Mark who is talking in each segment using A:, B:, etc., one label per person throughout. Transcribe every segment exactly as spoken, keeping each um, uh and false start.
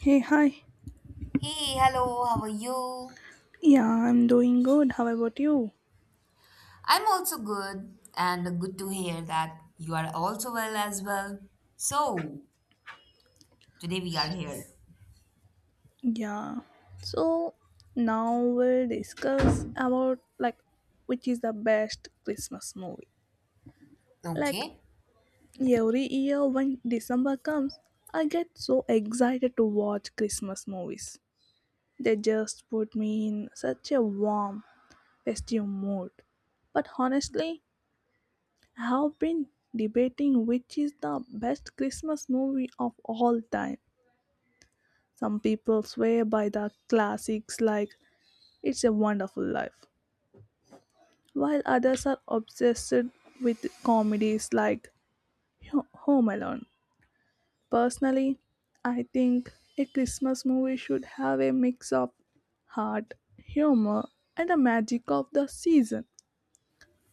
A: Hey, hi.
B: Hey, hello, how are you?
A: Yeah, I'm doing good. How about you?
B: I'm also good, and good to hear that you are also well as well. So, today we are here.
A: Yeah. So now we'll discuss about like which is the best Christmas movie. Like
B: Okay.
A: every year when December comes, I get so excited to watch Christmas movies. They just put me in such a warm, festive mood. But honestly, I have been debating which is the best Christmas movie of all time. Some people swear by the classics like It's a Wonderful Life, while others are obsessed with comedies like Ho- Home Alone. Personally, I think a Christmas movie should have a mix of heart, humor, and the magic of the season.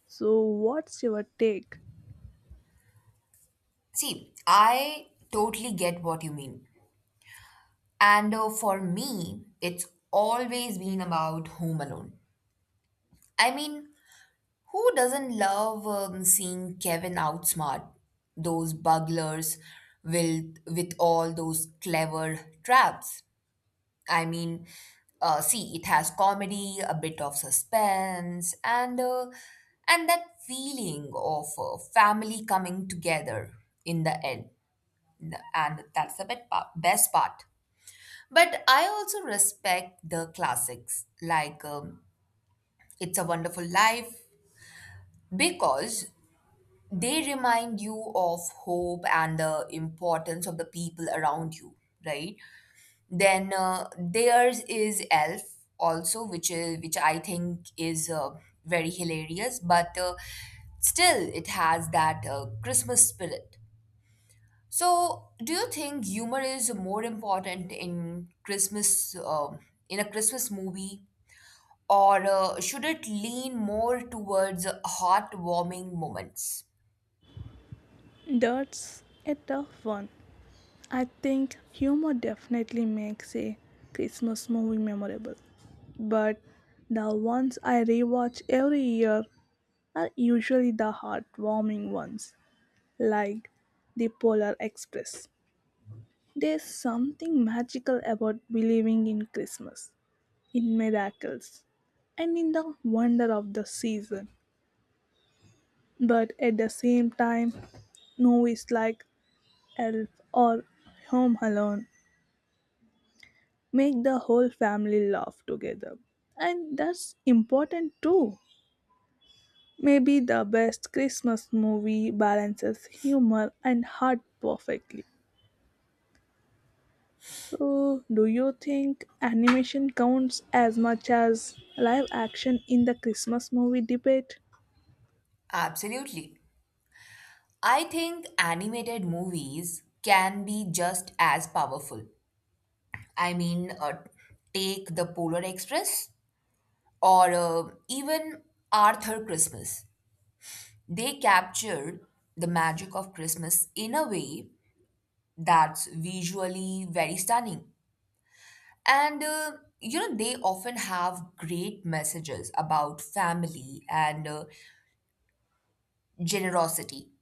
A: So, what's your take?
B: See, I totally get what you mean. And uh, For me, it's always been about Home Alone. I mean, who doesn't love um, seeing Kevin outsmart those burglars with, with all those clever traps? I mean, uh, see, it has comedy, a bit of suspense, and uh, and that feeling of uh, family coming together in the end, and that's the best part. Best part. But I also respect the classics like um, "It's a Wonderful Life" because they remind you of hope and the importance of the people around you, right? Then uh, theirs is Elf also, which is which I think is uh, very hilarious, but uh, still it has that uh, Christmas spirit. So, do you think humor is more important in Christmas um in a Christmas movie, or uh, should it lean more towards heartwarming moments?
A: That's a tough one. I think humor definitely makes a Christmas movie memorable, but the ones I rewatch every year are usually the heartwarming ones, like The Polar Express. There's something magical about believing in Christmas, in miracles, and in the wonder of the season. But at the same time, movies like Elf or Home Alone make the whole family laugh together. And that's important too. Maybe the best Christmas movie balances humor and heart perfectly. So, do you think animation counts as much as live action in the Christmas movie debate?
B: Absolutely. I think animated movies can be just as powerful. I mean, uh, Take the Polar Express or uh, even Arthur Christmas. They captured the magic of Christmas in a way that's visually very stunning. And, uh, you know, they often have great messages about family and uh, generosity.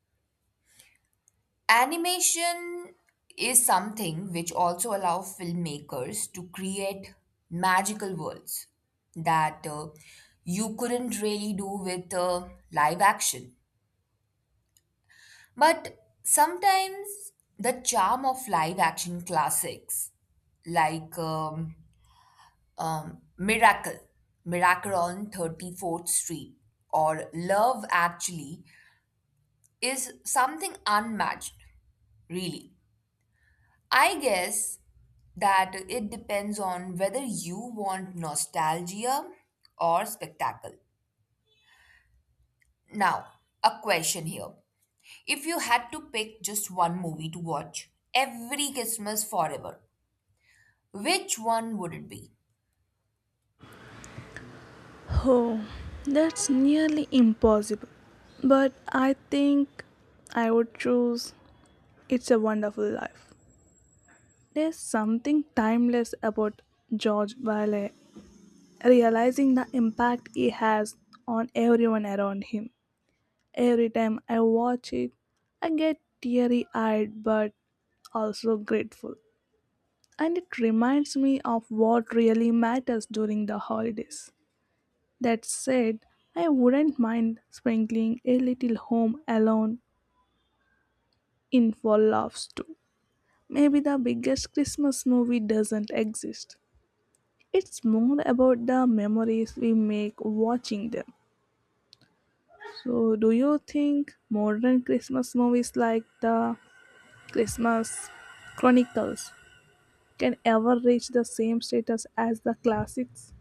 B: Animation is something which also allow filmmakers to create magical worlds that uh, you couldn't really do with uh, live action. But sometimes the charm of live action classics like um, um, Miracle, Miracle on thirty-fourth Street, or Love Actually is something unmatched, really. I guess that it depends on whether you want nostalgia or spectacle. Now, a question here. If you had to pick just one movie to watch every Christmas forever, which one would it be?
A: Oh, that's nearly impossible. But I think I would choose It's a Wonderful Life. There's something timeless about George Bailey realizing the impact it has on everyone around him. Every time I watch it, I get teary eyed but also grateful. And it reminds me of what really matters during the holidays. That said, I wouldn't mind sprinkling a little Home Alone in for laughs too. Maybe the biggest Christmas movie doesn't exist. It's more about the memories we make watching them. So, do you think modern Christmas movies like the Christmas Chronicles can ever reach the same status as the classics?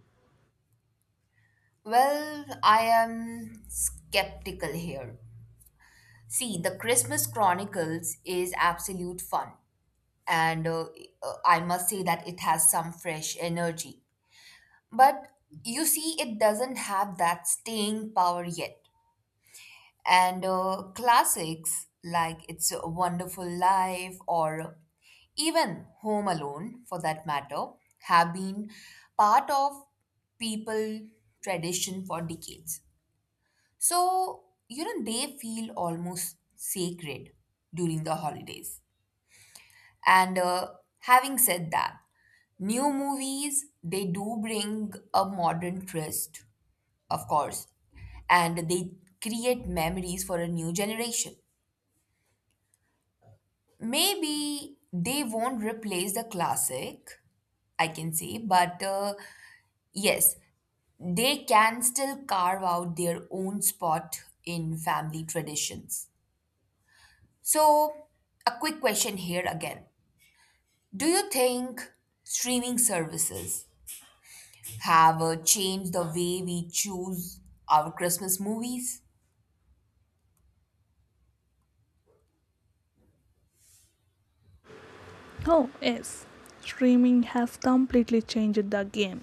B: Well, I am skeptical here. See, The Christmas Chronicles is absolute fun, and uh, uh, I must say that it has some fresh energy. But you see, it doesn't have that staying power yet. And uh, classics like It's a Wonderful Life or even Home Alone, for that matter, have been part of people tradition for decades. So, you know, they feel almost sacred during the holidays. And uh, having said that, new movies, they do bring a modern twist of course, and they create memories for a new generation. Maybe they won't replace the classic, I can say, but uh, yes, they can still carve out their own spot in family traditions. So, a quick question here again. Do you think streaming services have uh, changed the way we choose our Christmas movies?
A: Oh, yes. Streaming has completely changed the game.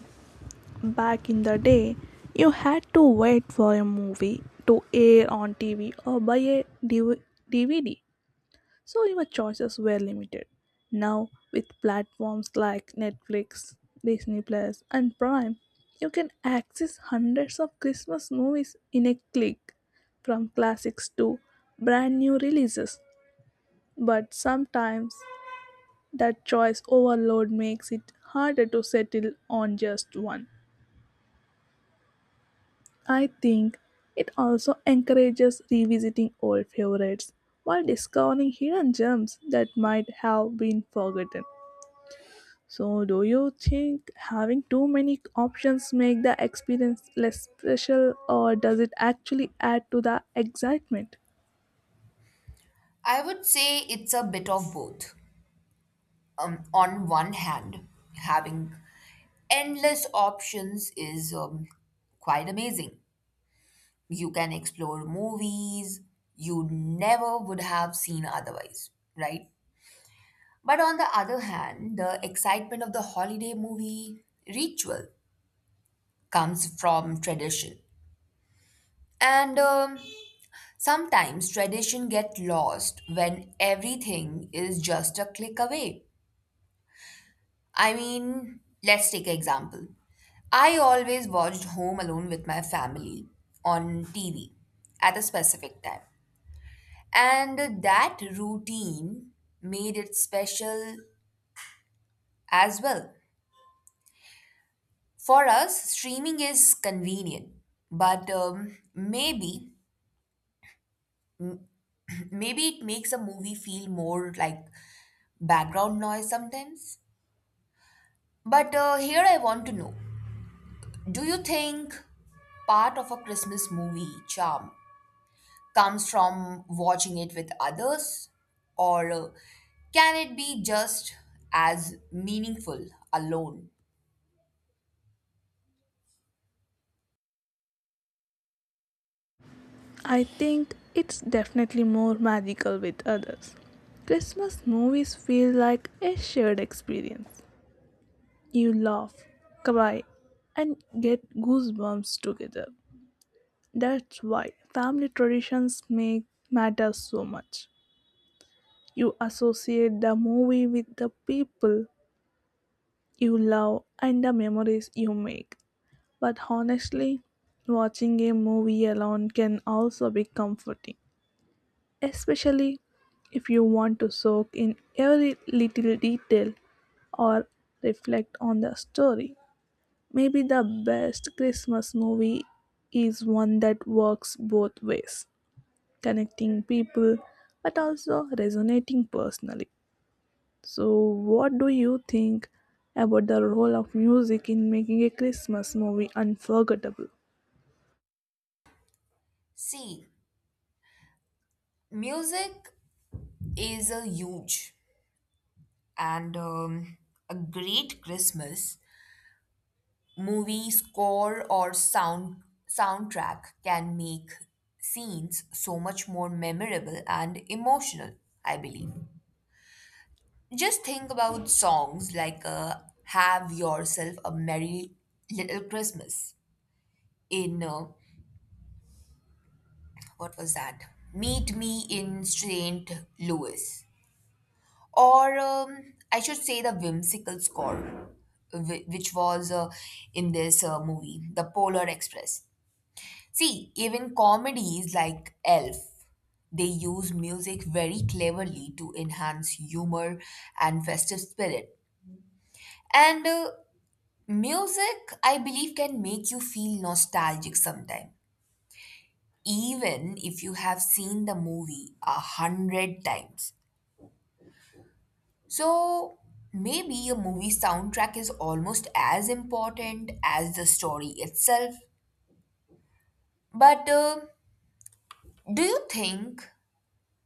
A: Back in the day, you had to wait for a movie to air on T V or buy a D V D, so your choices were limited. Now, with platforms like Netflix, Disney Plus, and Prime, you can access hundreds of Christmas movies in a click, from classics to brand new releases. But sometimes that choice overload makes it harder to settle on just one. I think it also encourages revisiting old favorites while discovering hidden gems that might have been forgotten. So, do you think having too many options make the experience less special, or does it actually add to the excitement?
B: I would say it's a bit of both. Um, on one hand, having endless options is um, quite amazing. You can explore movies you never would have seen otherwise, right? But on the other hand, the excitement of the holiday movie ritual comes from tradition. And um, sometimes tradition get lost when everything is just a click away. I mean, let's take an example. I always watched Home Alone with my family on T V at a specific time. And that routine made it special as well. For us, streaming is convenient, but um, maybe maybe it makes a movie feel more like background noise sometimes. But uh, Here I want to know, do you think part of a Christmas movie charm comes from watching it with others, or uh, can it be just as meaningful alone?
A: I think it's definitely more magical with others. Christmas movies feel like a shared experience. You laugh, cry, and get goosebumps together. That's why family traditions make matter so much. You associate the movie with the people you love and the memories you make. But honestly, watching a movie alone can also be comforting, especially if you want to soak in every little detail or reflect on the story. Maybe the best Christmas movie is one that works both ways, connecting people but also resonating personally. So, what do you think about the role of music in making a Christmas movie unforgettable?
B: See, music is a huge and um, a great Christmas movie score or sound soundtrack can make scenes so much more memorable and emotional, I believe. Just think about songs like uh, Have Yourself a Merry Little Christmas in uh, what was that? Meet Me in Saint Louis, or um, I should say the whimsical score, whi- which was uh, in this uh, movie, The Polar Express. See, even comedies like Elf, they use music very cleverly to enhance humor and festive spirit. And uh, music, I believe, can make you feel nostalgic sometimes even if you have seen the movie a hundred times. So maybe a movie soundtrack is almost as important as the story itself. But uh, Do you think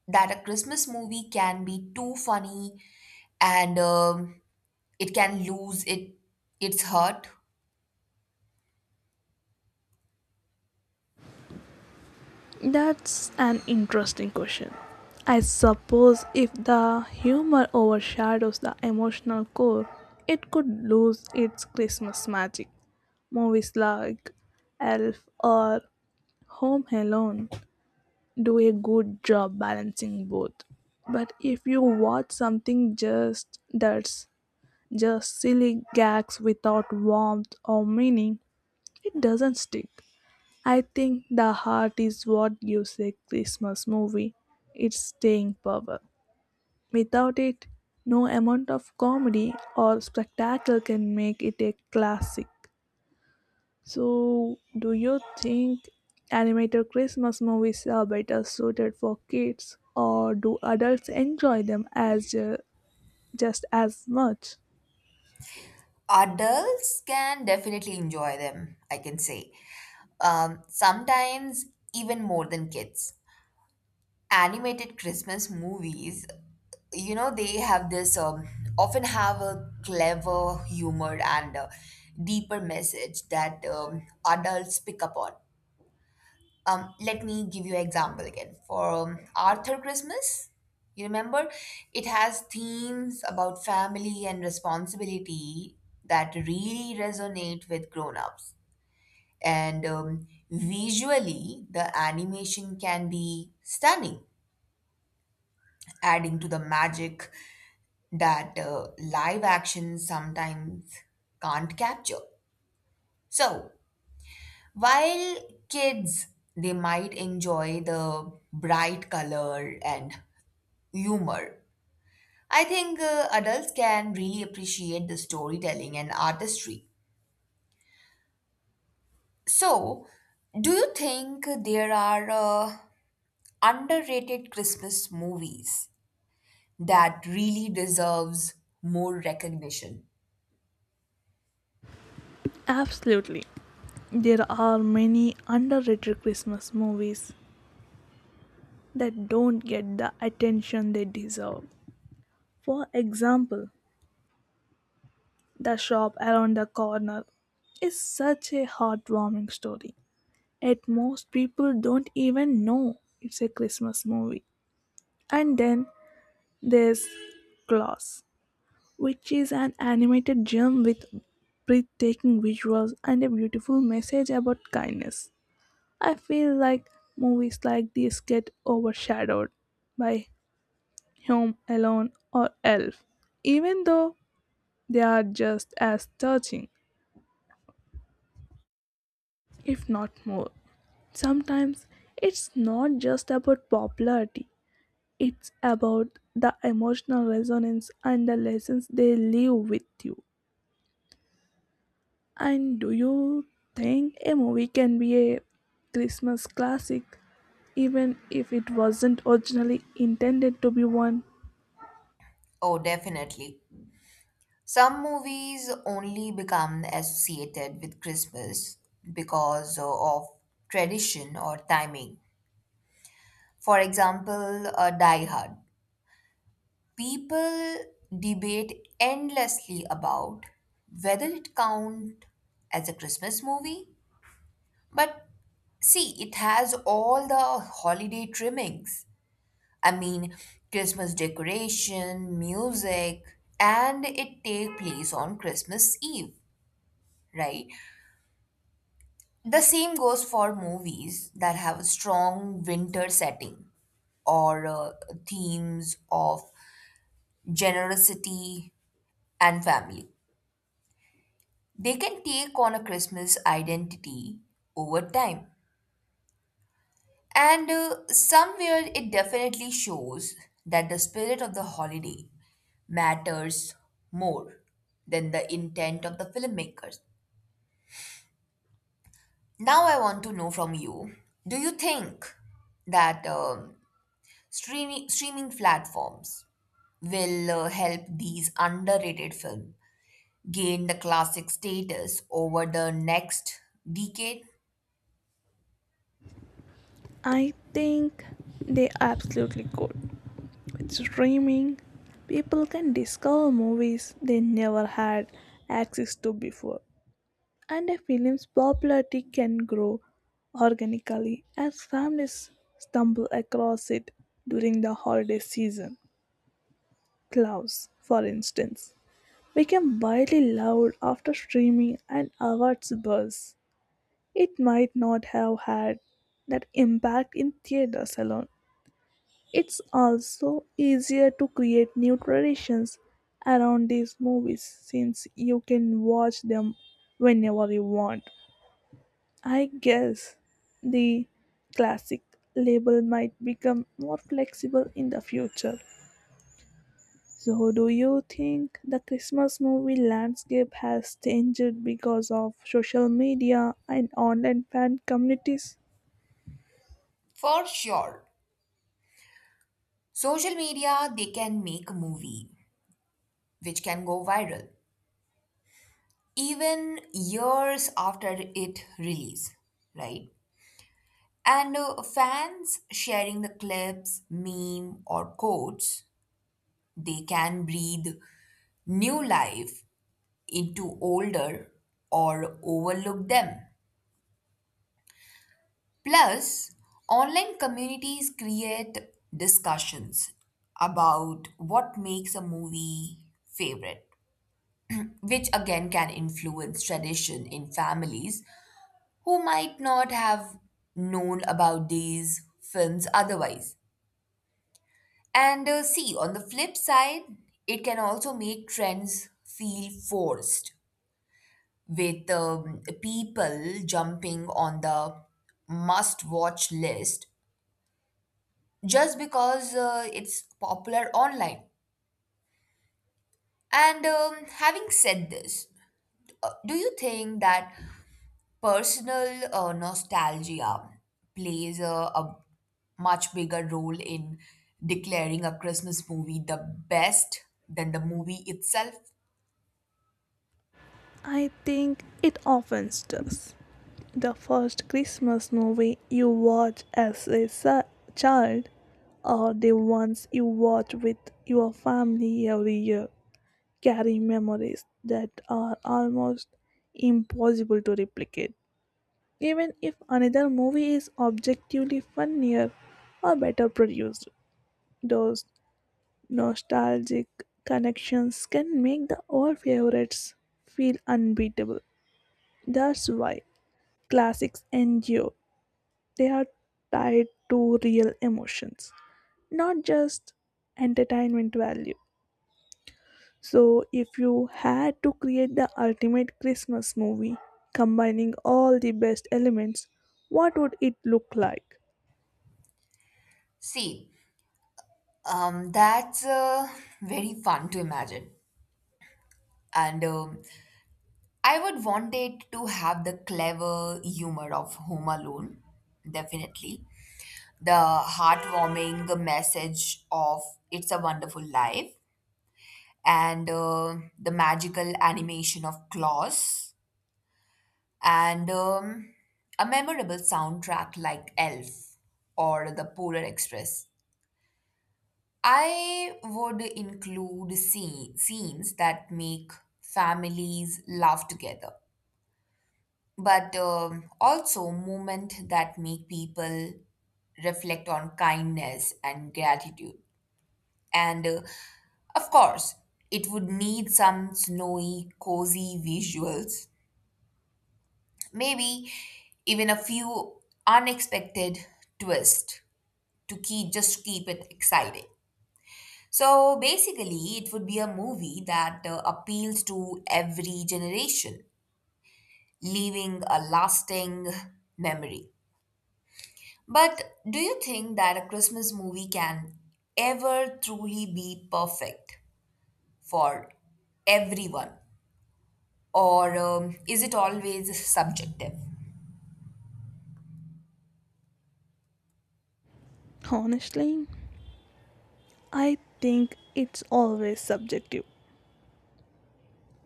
B: that a Christmas movie can be too funny and um it can lose it its heart?
A: That's an interesting question. I suppose if the humor overshadows the emotional core, it could lose its Christmas magic. Movies like Elf or Home Alone do a good job balancing both. But if you watch something just that's just silly gags without warmth or meaning, it doesn't stick. I think the heart is what gives a Christmas movie its staying power. Without it, no amount of comedy or spectacle can make it a classic. So, do you think animated Christmas movies are better suited for kids, or do adults enjoy them as uh, just as much?
B: Adults can definitely enjoy them, I can say. Um, sometimes even more than kids. Animated Christmas movies, you know, they have this um, often have a clever humor and a deeper message that um, adults pick up on. Um, let me give you an example again. For um, Arthur Christmas, you remember, it has themes about family and responsibility that really resonate with grown-ups. And um, visually, the animation can be stunning, adding to the magic that uh, live action sometimes can't capture. So, while kids, they might enjoy the bright color and humor, I think uh, adults can really appreciate the storytelling and artistry. So, do you think there are uh, underrated Christmas movies that really deserves more recognition?
A: Absolutely. There are many underrated Christmas movies that don't get the attention they deserve. For example, The Shop Around the Corner is such a heartwarming story. Yet most people don't even know it's a Christmas movie. And then there's Claus, which is an animated gem with breathtaking visuals and a beautiful message about kindness. I feel like movies like these get overshadowed by Home Alone or Elf, even though they are just as touching, if not more. Sometimes it's not just about popularity, it's about the emotional resonance and the lessons they leave with you. And do you think a movie can be a Christmas classic even if it wasn't originally intended to be one?
B: Oh, definitely. Some movies only become associated with Christmas because of tradition or timing. For example, uh, Die Hard. People debate endlessly about whether it count as a Christmas movie, but see, it has all the holiday trimmings. I mean, Christmas decoration, music, and it take place on Christmas Eve, right? The same goes for movies that have a strong winter setting or uh, themes of generosity and family. They can take on a Christmas identity over time. And uh, somewhere it definitely shows that the spirit of the holiday matters more than the intent of the filmmakers. Now, I want to know from you, do you think that um Streaming, streaming platforms will uh, help these underrated films gain the classic status over the next decade?
A: I think they absolutely could. With streaming, people can discover movies they never had access to before, and a film's popularity can grow organically as families stumble across it during the holiday season. Klaus, for instance, became widely loved after streaming and awards buzz. It might not have had that impact in theaters alone. It's also easier to create new traditions around these movies since you can watch them whenever you want. I guess the classic label might become more flexible in the future. So, do you think the Christmas movie landscape has changed because of social media and online fan communities?
B: For sure. Social media, they can make a movie which can go viral even years after it release, right? And uh, fans sharing the clips, meme or quotes, they can breathe new life into older or overlook them. Plus, online communities create discussions about what makes a movie favorite, which again can influence tradition in families who might not have known about these films otherwise. And uh, See, on the flip side, it can also make trends feel forced with um, people jumping on the must watch list just because uh, it's popular online. And um, having said this, uh, do you think that personal uh, nostalgia plays a, a much bigger role in declaring a Christmas movie the best than the movie itself?
A: I think it often does. The first Christmas movie you watched as a sa- child, or the ones you watch with your family every year, carry memories that are almost impossible to replicate, even if another movie is objectively funnier or better produced. Those nostalgic connections can make the old favorites feel unbeatable. That's why classics endure. They are tied to real emotions, not just entertainment value. So, if you had to create the ultimate Christmas movie, combining all the best elements, what would it look like?
B: See, um, that's uh, very fun to imagine. And um I would want it to have the clever humor of Home Alone, definitely. The heartwarming message of It's a Wonderful Life, and uh, the magical animation of Claus, and um, a memorable soundtrack like Elf or The Polar Express. I would include scene, scenes that make families laugh together but um, also movement that make people reflect on kindness and gratitude, and uh, of course it would need some snowy cozy visuals, maybe even a few unexpected twists to keep just keep it exciting. So basically it would be a movie that uh, appeals to every generation, leaving a lasting memory. But do you think that a Christmas movie can ever truly be perfect for everyone? Or um, is it always subjective?
A: Honestly, I think it's always subjective.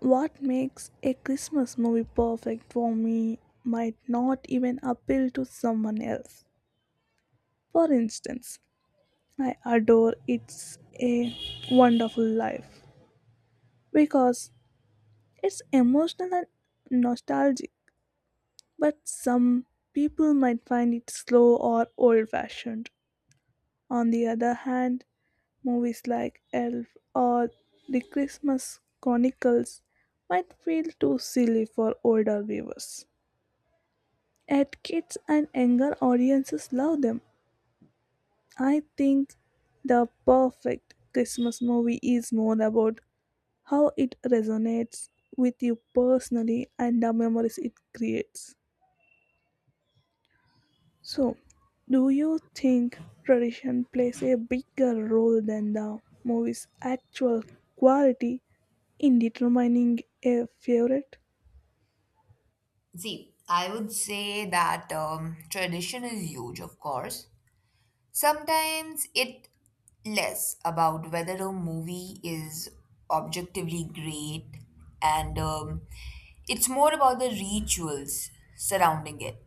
A: What makes a Christmas movie perfect for me might not even appeal to someone else. For instance, I adore It's a Wonderful Life because it's emotional and nostalgic, but some people might find it slow or old fashioned. On the other hand, movies like Elf or The Christmas Chronicles might feel too silly for older viewers. Yet kids and younger audiences love them. I think the perfect Christmas movie is more about how it resonates with you personally and the memories it creates. So, do you think tradition plays a bigger role than the movie's actual quality in determining a favorite?
B: See, I would say that um, tradition is huge, of course. Sometimes it less about whether a movie is objectively great and um, it's more about the rituals surrounding it.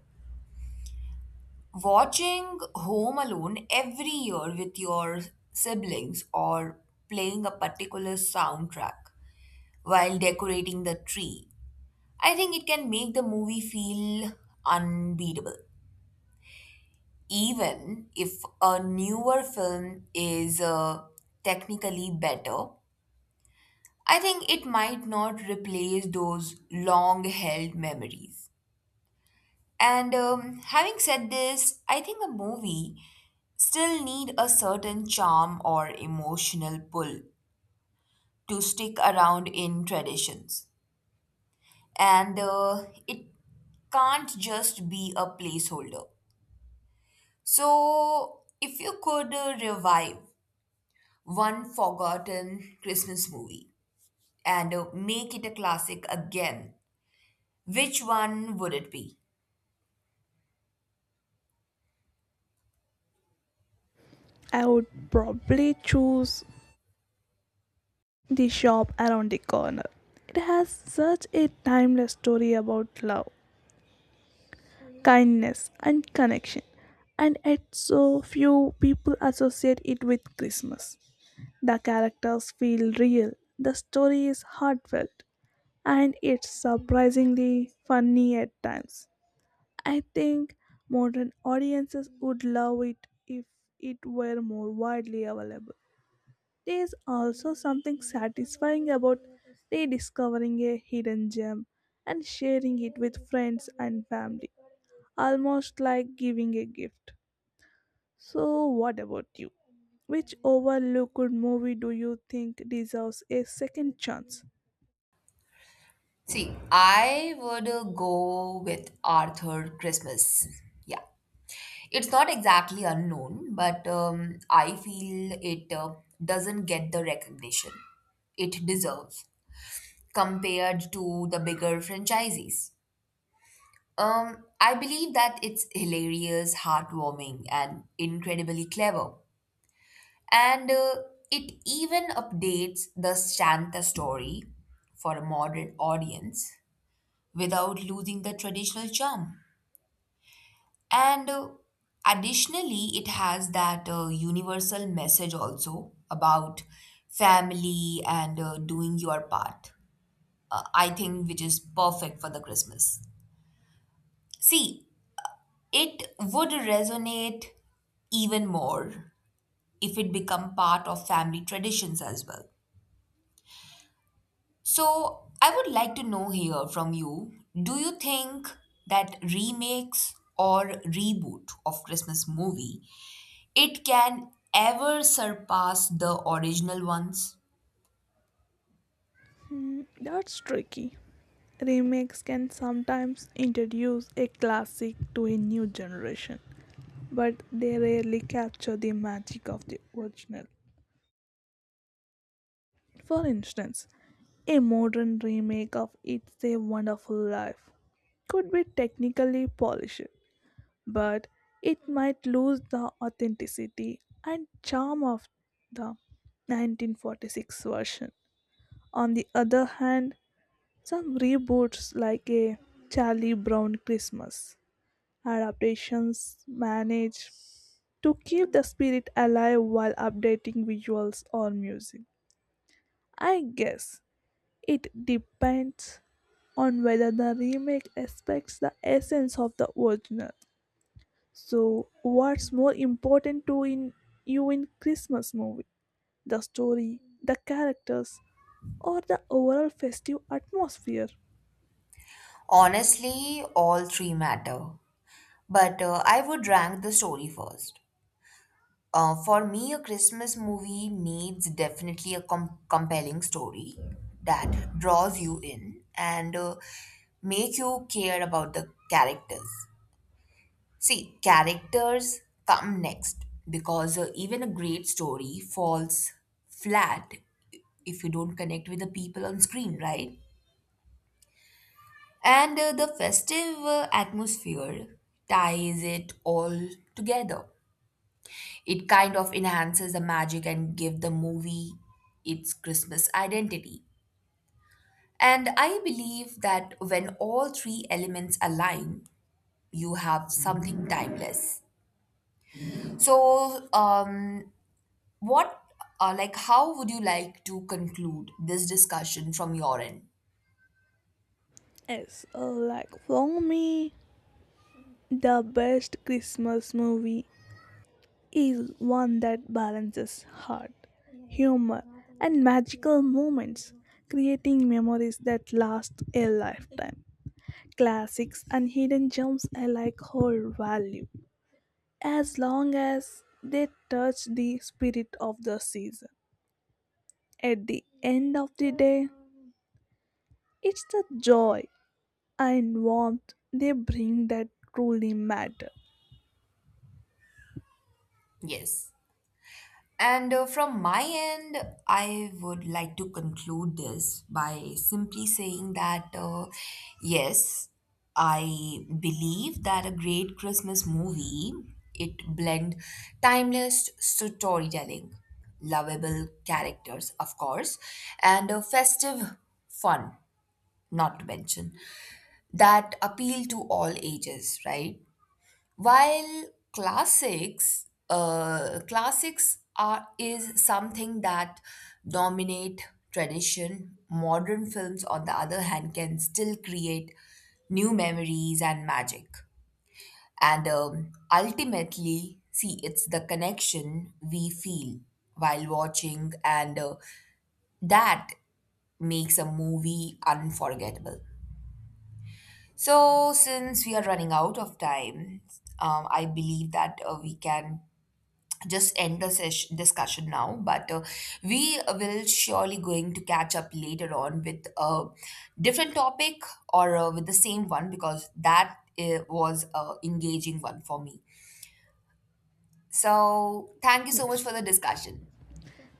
B: Watching Home Alone every year with your siblings or playing a particular soundtrack while decorating the tree, I think it can make the movie feel unbeatable. Even if a newer film is uh, technically better, I think it might not replace those long held memories. And um, having said this, I think a movie still need a certain charm or emotional pull to stick around in traditions. And uh, it can't just be a placeholder. So, if you could uh, revive one forgotten Christmas movie and uh, make it a classic again, which one would it be?
A: I would probably choose The Shop Around the Corner. It has such a timeless story about love, kindness, and connection, and yet so few people associate it with Christmas. The characters feel real, the story is heartfelt, and it's surprisingly funny at times. I think modern audiences would love it if it were more widely available. There is also something satisfying about rediscovering a hidden gem and sharing it with friends and family, almost like giving a gift. So, what about you? Which overlooked movie do you think deserves a second chance?
B: See, I would uh, go with Arthur Christmas. Yeah. It's not exactly unknown, but um, I feel it uh, doesn't get the recognition it deserves compared to the bigger franchises. Um, I believe that it's hilarious, heartwarming, and incredibly clever. And uh, it even updates the Santa story for a modern audience without losing the traditional charm. And uh, additionally, it has that uh, universal message also about family and uh, doing your part, uh, I think, which is perfect for the Christmas. See, it would resonate even more if it become part of family traditions as well. So, I would like to know here from you, do you think that remakes or reboot of Christmas movie it can ever surpass the original ones?
A: Hmm, that's tricky. Remakes can sometimes introduce a classic to a new generation, but they rarely capture the magic of the original. For instance, a modern remake of It's a Wonderful Life could be technically polished, but it might lose the authenticity and charm of the nineteen forty-six version. On the other hand, some reboots like a Charlie Brown Christmas adaptations manage to keep the spirit alive while updating visuals or music. I guess it depends on whether the remake respects the essence of the original. So, what's more important to in you in Christmas movie? The story, the characters, or the overall festive atmosphere?
B: Honestly, all three matter. But uh, I would rank the story first. Uh, for me, a Christmas movie needs definitely a com- compelling story that draws you in and uh, make you care about the characters. See, characters come next because uh, even a great story falls flat if you don't connect with the people on screen, right? And uh, the festive uh, atmosphere ties it all together. It kind of enhances the magic and give the movie its Christmas identity. And I believe that when all three elements align, you have something timeless. So, um, what uh, like how would you like to conclude this discussion from your end?
A: Yes, uh, like for me, the best Christmas movie is one that balances heart, humor, and magical moments, creating memories that last a lifetime. Classics and hidden gems alike hold value as long as they touch the spirit of the season. At the end of the day, it's the joy and warmth they bring that truly matter.
B: Yes, and uh, from my end I would like to conclude this by simply saying that, uh, yes, I believe that a great Christmas movie, it blend timeless storytelling, lovable characters of course, and a festive fun, not to mention that appeal to all ages, right? While classics, uh, classics are is something that dominate tradition. Modern films, on the other hand, can still create new memories and magic. And um, ultimately, see, it's the connection we feel while watching, and uh, that makes a movie unforgettable. So, since we are running out of time, um, I believe that uh, we can just end the session discussion now. But uh, we will surely going to catch up later on with a different topic or uh, with the same one because that uh, was a engaging one for me. So, thank you so much
A: Yes.
B: for the discussion.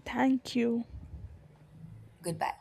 A: Thank you.
B: Goodbye.